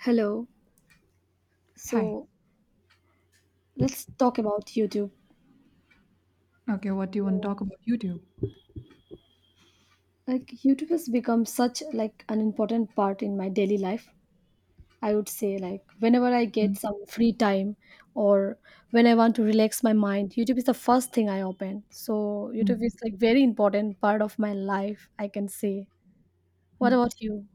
Hello. Hi. So let's talk about YouTube. Okay, what do you want to talk about? YouTube. Like YouTube has become such like an important part in my daily life. I would say like whenever I Mm, get some free time or when I want to relax my mind, YouTube is the first thing I open. So YouTube is mm, like very important part of my life, I can say. What mm. about you?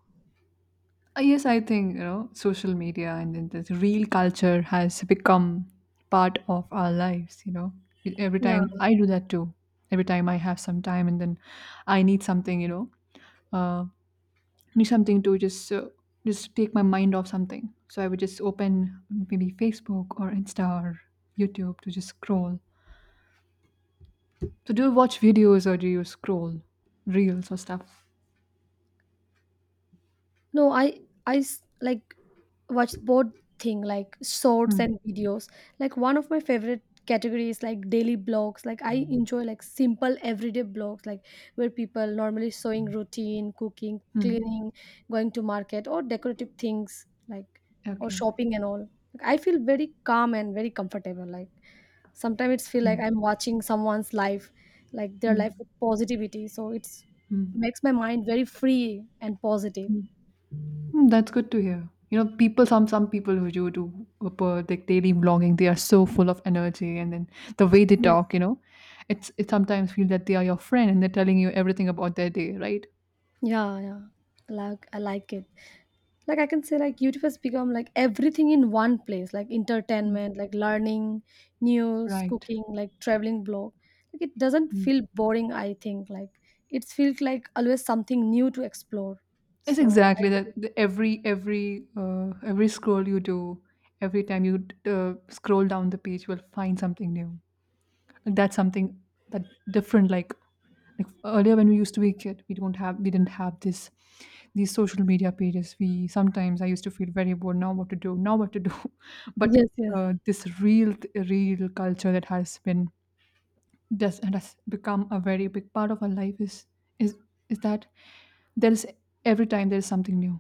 Yes, I think you know social media and then this real culture has become part of our lives. With every Yeah. time I do that too. Every time I have some time and then I need something, uh, need something to just take my mind off something. So I would just open maybe Facebook or Insta or YouTube to just scroll. So do you watch videos or do you scroll reels or stuff? No, I like watch both thing like shorts Hmm. and videos. Like one of my favorite categories like daily blogs. Like I enjoy like simple everyday blogs like where people normally showing routine, cooking, cleaning, going to market or decorative things like or Okay. shopping and all. Like, I feel very calm and very comfortable. Like sometimes it's feel Mm, like I'm watching someone's life, like their life mm, with positivity. So it's mm, makes my mind very free and positive. mm. Mm, that's good to hear. You know, people some people who do like daily vlogging, they are so full of energy, and then the way they Yes. talk, you know, it sometimes feel that they are your friend and they're telling you everything about their day, right? Yeah, yeah. Like I like it. Like I can say like YouTube has become like everything in one place, like Mm, entertainment, like learning, news, right. cooking, like traveling blog. Like it doesn't Mm. feel boring, I think. Like it feels like always something new to explore. It's So exactly that. Every every scroll you do, every time you scroll down the page, you will find something new. Like that's something that different, like earlier when we used to be a kid we didn't have this these social media pages. We sometimes, I used to feel very bored. Now what to do, now what to do, but yes, yes. This real culture that has been just and has become a very big part of our life is is is that there's every time there's something new.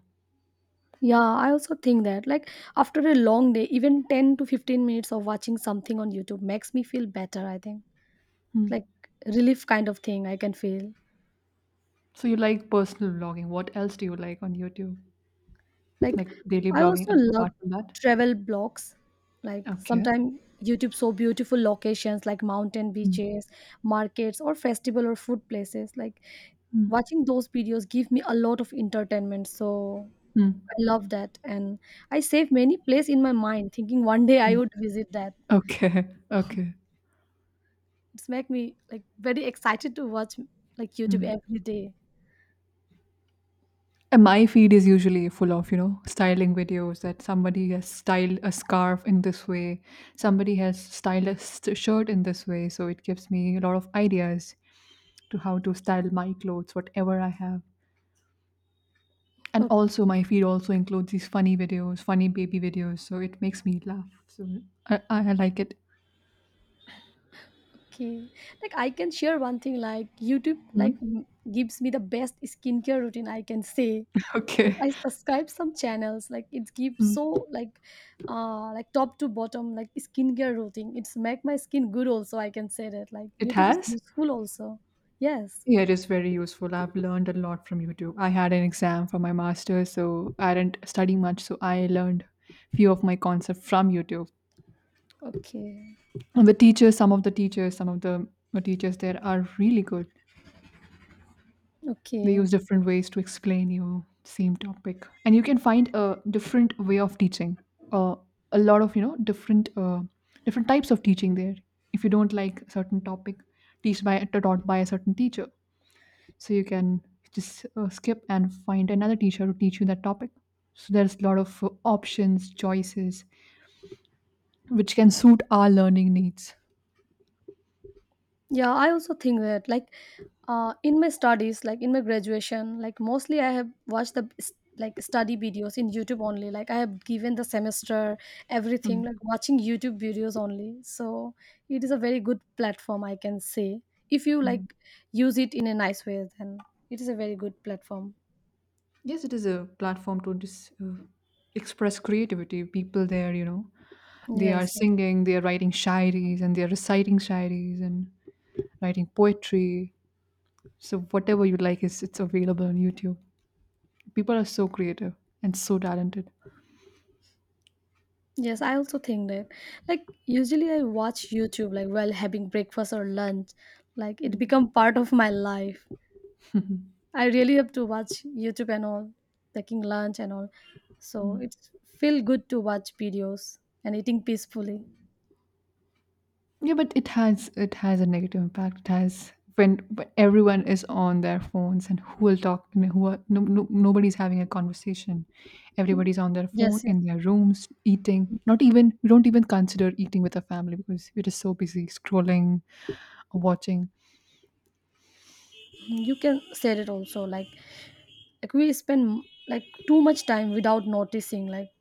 Yeah, I also think that like after a long day, even 10 to 15 minutes of watching something on YouTube makes me feel better, I think. Hmm. Like relief kind of thing I can feel. So you like personal vlogging. What else do you like on YouTube, Like like daily I vlogging, also like, love apart from that? travel blogs. Like Okay. sometimes YouTube so beautiful locations like mountain Hmm. beaches, markets or festival or food places. Like Hmm. watching those videos give me a lot of entertainment. So Hmm. I love that and I save many place in my mind thinking one day I Hmm. would visit that. Okay. Okay. It's make me like very excited to watch like YouTube Hmm. every day. And my feed is usually full of, you know, styling videos that somebody has styled a scarf in this way, somebody has styled shirt in this way. So it gives me a lot of ideas to how to style my clothes, whatever I have. And Okay. also, my feed also includes these funny videos, funny baby videos. So it makes me laugh. So I like it. Okay. Like I can share one thing like YouTube like Mm. Gives me the best skincare routine I can say. Like Okay. I subscribe some channels like it gives Mm. so like top to bottom like skincare routine. It's make my skin good also I can say that like It YouTube is has? useful also. Yes. Yeah, it is very useful. I've learned a lot from YouTube. I had an exam for my master's, so I didn't study much, so I learned few of my concepts from YouTube. Okay. And the teachers, some of the teachers, some of the teachers there are really good. They Okay. use different ways to explain you same topic, and you can find a different way of teaching. Uh, a lot of, you know, different types of teaching there. If you don't like certain topic, teach by taught by a certain teacher, so you can just skip and find another teacher to teach you that topic. So there's a lot of options, choices which can suit our learning needs. Yeah, I also think that like in my studies, like in my graduation, like mostly I have watched the like study videos in YouTube only. Like I have given the semester Hmm, everything like watching YouTube videos only. So it is a very good platform, I can say. If you hmm. like use it in a nice way, then it is a very good platform. Yes, it is a platform to just express creativity. People there, you know, they are Yes, yeah. singing, they are writing shairis and they are reciting shairis and writing poetry. So whatever you like is, it's available on YouTube. People are so creative and so talented. Yes, I also think that like usually I watch YouTube like while having breakfast or lunch. Like it become part of my life. I really have to watch YouTube and all, taking lunch and all. So it's feel good to watch videos and eating peacefully. Yeah, but it has a negative impact. It has when everyone is on their phones and who will talk? I mean, who are, no, no, nobody's having a conversation. Everybody's on their phone Yes, yeah. in their rooms eating. Not even, we don't even consider eating with our family because we're just so busy scrolling, watching. You can say it also. Like, we spend like too much time without noticing. Like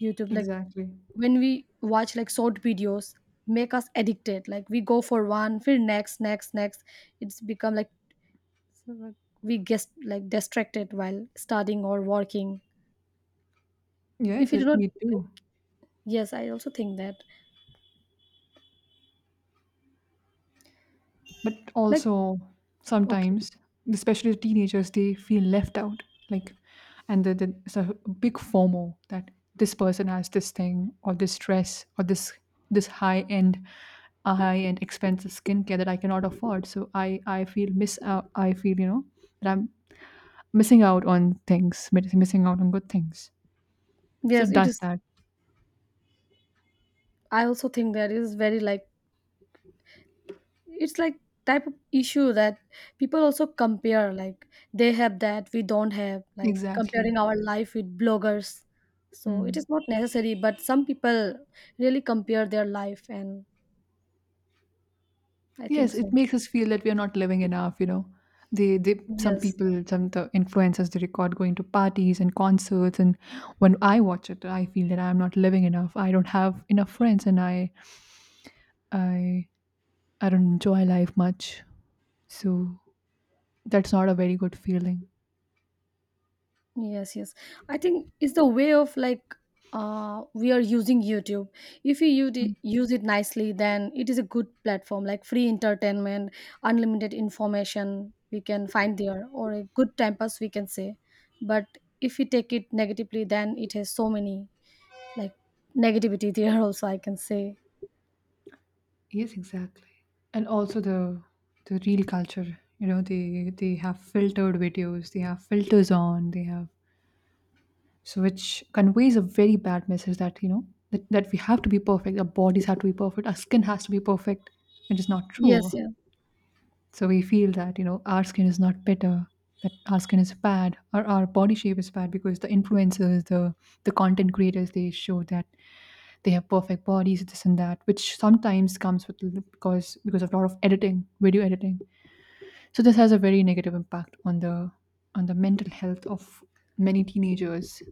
YouTube, like Exactly. when we watch like short videos, make us addicted. Like we go for one, feel next, next, next. It's become like we get like distracted while studying or working. If Yes, you do it, not, we like, do. yes, I also think that. But Like, also okay. sometimes, especially the teenagers, they feel left out, like, and the it's a big FOMO that this person has this thing or this dress or this high end a high end expensive skincare that I cannot afford. So I feel miss out, I feel, you know, that I'm missing out on things, missing out on good things. So Yes, it it does is. that. I also think that it is very like, it's like type of issue that people also compare. Like, they have that, we don't have. Like, Exactly. comparing our life with bloggers. So it Hmm. is not necessary, but some people really compare their life, and I think Yes, it so. makes us feel that we are not living enough, you know. Some Yes. people, some the influencers, they record going to parties and concerts, and when I watch it, I feel that I am not living enough. I don't have enough friends, and I, I don't enjoy life much. So that's not a very good feeling. Yes, yes. I think it's the way of like we are using YouTube. If you use it nicely, then it is a good platform like free entertainment, unlimited information we can find there or a good time pass we can say. But if we take it negatively then it has so many like negativity there also I can say. Yes, exactly. And also the real culture, you know, they have filtered videos, they have filters on, they have so, which conveys a very bad message that, you know, that, that we have to be perfect. Our bodies have to be perfect, our skin has to be perfect, which is not Yes, true. yeah. So we feel that, you know, our skin is not better, that our skin is bad or our body shape is bad because the influencers, the content creators, they show that they have perfect bodies, this and that, which sometimes comes with, because of a lot of editing, video editing. So this has a very negative impact on the mental health of many teenagers.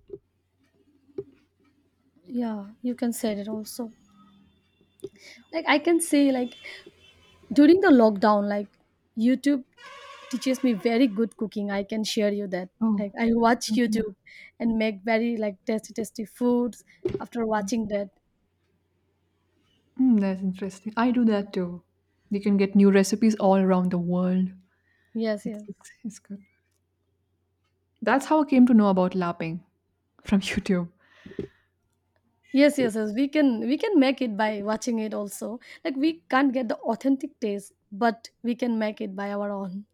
Yeah, you can say it also. Like I can say like during the lockdown like YouTube teaches me very good cooking. I can share you that. Oh, Like I watch okay. YouTube and make very like tasty tasty foods after watching that. Mm, that's interesting. I do that too. You can get new recipes all around the world. Yes, yes. It's good. That's how I came to know about lapping from YouTube. Yes, yes, yes. We can make it by watching it also. Like we can't get the authentic taste, but we can make it by our own.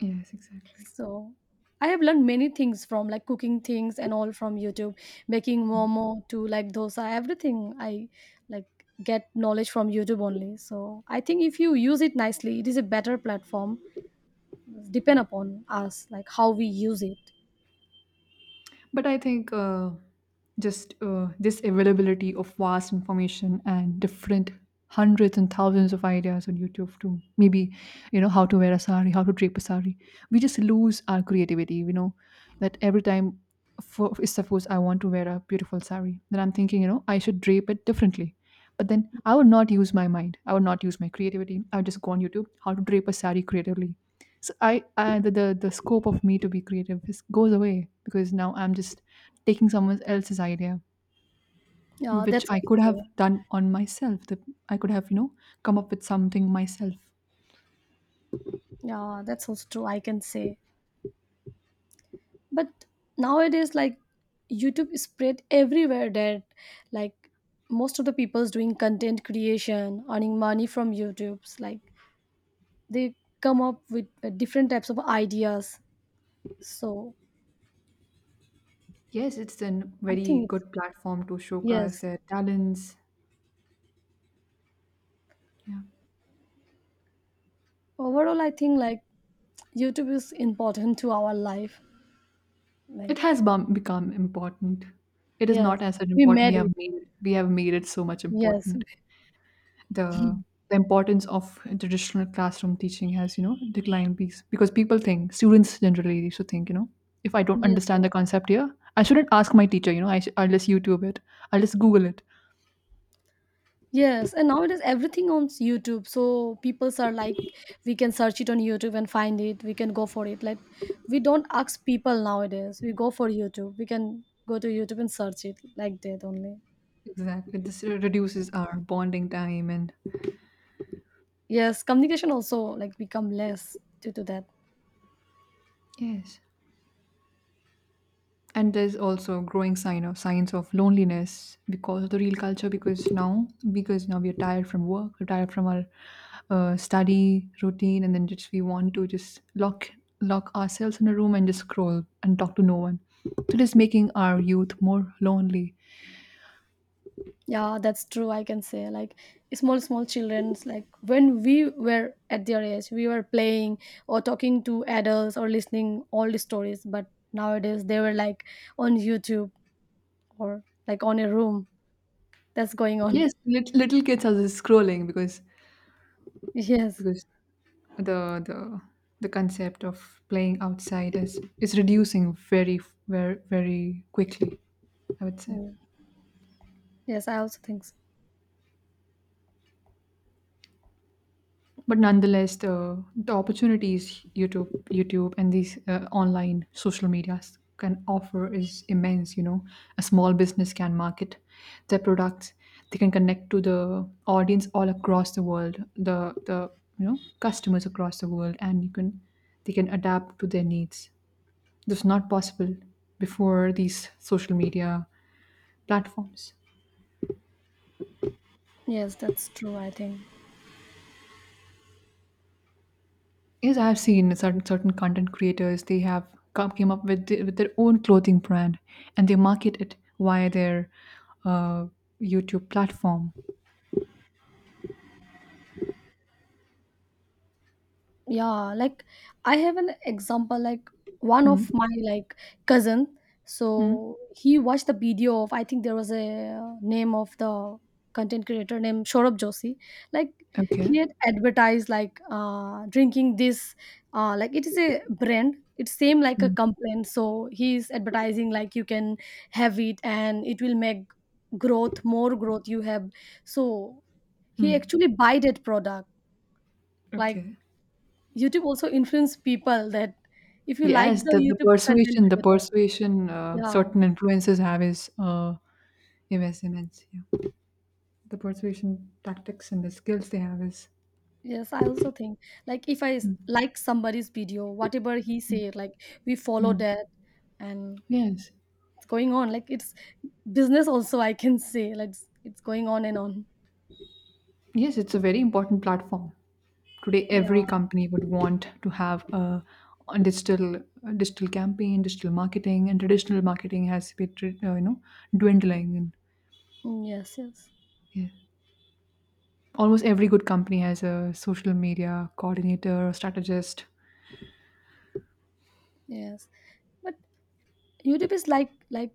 Yes, exactly. So I have learned many things from like cooking things and all from YouTube, making momo to like dosa, everything I like get knowledge from YouTube only. So I think if you use it nicely, it is a better platform depend upon us, like how we use it. But I think just this availability of vast information and different hundreds and thousands of ideas on YouTube to maybe, you know, how to wear a sari, how to drape a sari. We just lose our creativity, you know, that every time, for, suppose I want to wear a beautiful sari, then I'm thinking, you know, I should drape it differently. But then I would not use my mind. I would not use my creativity. I would just go on YouTube, how to drape a sari creatively. So I, the scope of me to be creative is, goes away because now I'm just taking someone else's idea, Yeah, which that's I also could have true. done on myself, that I could have, you know, come up with something myself. Yeah, that's also true. I can say, but nowadays, like YouTube is spread everywhere. That like most of the people's doing content creation, earning money from YouTube's. Like they come up with different types of ideas. So Yes, it's a I very think it's good platform to showcase yes. their talents. Yeah, Overall, I think like YouTube is important to our life. it Like has become important. It is yes, not as we important, we made have it. made, we have made it so much Yes, important. The the importance of traditional classroom teaching has, you know, declined because people think, students generally used to think, you know, if I don't yes, understand yes. the concept here, I shouldn't ask my teacher. You know, I'll just YouTube it. I'll just Google it. Yes, and nowadays everything on YouTube. So people are like, we can search it on YouTube and find it. We can go for it. Like, we don't ask people nowadays. We go for YouTube. We can go to YouTube and search it like that only. Exactly, this reduces our bonding time. And Yes, communication also like become less due to that. yes, and there's also growing signs of loneliness because of the real culture, because now, because now we're tired from work, we're tired from our study routine, and then just we want to just lock ourselves in a room and just scroll and talk to no one. So it is making our youth more lonely. Yeah, that's true. I can say like small small childrens like when we were at their age, we were playing or talking to adults or listening all the stories. But nowadays they were like on YouTube or like on a room that's going on. Yes, little kids are just scrolling because Yes. because the the the concept of playing outside is reducing very, very very quickly, I would say. Mm. Yes, I also think so. But nonetheless, the opportunities YouTube and these online social medias can offer is immense. You know, a small business can market their products. They can connect to the audience all across the world, the, you know, customers across the world, and you can they can adapt to their needs. This was not possible before these social media platforms. Yes, that's true, I think. Yes, I've seen certain content creators. They have came up with with their own clothing brand, and they market it via their uh, YouTube platform. Yeah, like I have an example like one Hmm. of my like cousin. Hmm. So he watched the video of, I think, there was a name of the content creator named Shorab Joshi. Like Okay. he had advertised like drinking this like it is a brand, it's same like a Hmm. complaint, so he's advertising like you can have it and it will make growth more growth you have. So he actually buy that product. Like Okay. YouTube also influence people that if you like Yes, the YouTube content the creator, persuasion yeah, certain influencers have is immense, immense. Yeah. The persuasion tactics and the skills they have is. yes, I also think like if I like somebody's video, whatever he say, like we follow Hmm. that and Yes. it's going on. Like it's, business also I can say like it's going on and on. Yes, it's a very important platform. Today every Yeah. company would want to have a digital campaign, digital marketing, and traditional marketing has been, you know, dwindling, and Mm, yes. Yes. yeah, almost every good company has a social media coordinator or strategist. Yes. But YouTube is like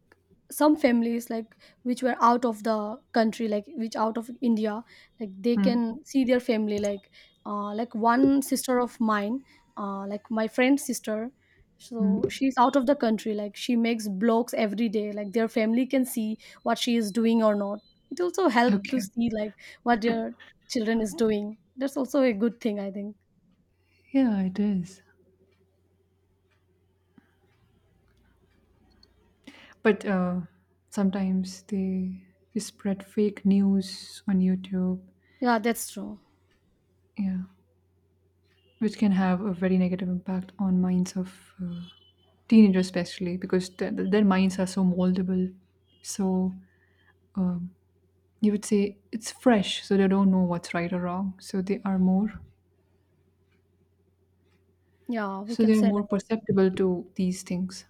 some families like which were out of the country like which out of India like they Hmm, can see their family like one sister of mine like my friend's sister, so hmm. she's out of the country, like she makes blogs every day like their family can see what she is doing or not. It also help to Okay. see like what their children is doing. That's also a good thing, I think. Yeah, it is. But sometimes they spread fake news on YouTube. Yeah, that's true. Yeah, which can have a very negative impact on minds of teenagers, especially because their minds are so moldable. So, you would say it's fresh, so they don't know what's right or wrong. So they are more, Yeah, we so they can are say more that. perceptible to these things.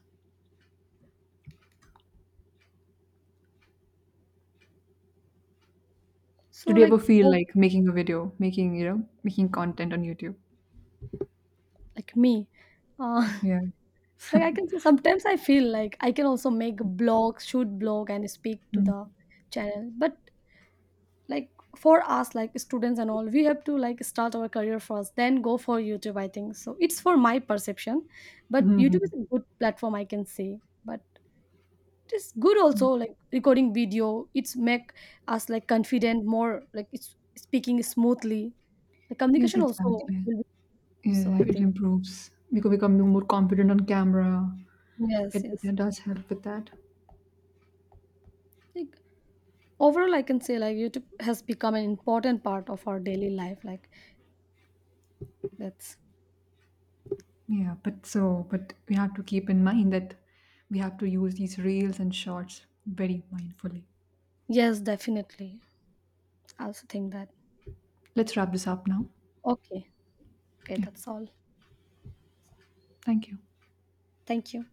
So Did you ever like feel oh, like making a video, making, you know, making content on YouTube? like me, uh, Yeah. Like I can say sometimes I feel like I can also make blogs, shoot blog and speak to Mm. the channel. But like for us like students and all, we have to like start our career first, then go for YouTube, I think. So it's for my perception. But YouTube Mhm. is a good platform I can say. But it's good also like recording video. It's make us like confident, more like it's speaking smoothly. The Yes, communication also exactly. will be so Yeah, I it think. improves. We could become more confident on camera. Yes, yes. It does help with that. Like. Overall, I can say like YouTube has become an important part of our daily life, like that's Yeah, but so, but we have to keep in mind that we have to use these reels and shorts very mindfully. yes definitely. I also think that. Let's wrap this up now. Okay. Okay, Yeah, that's all. thank you. Thank you.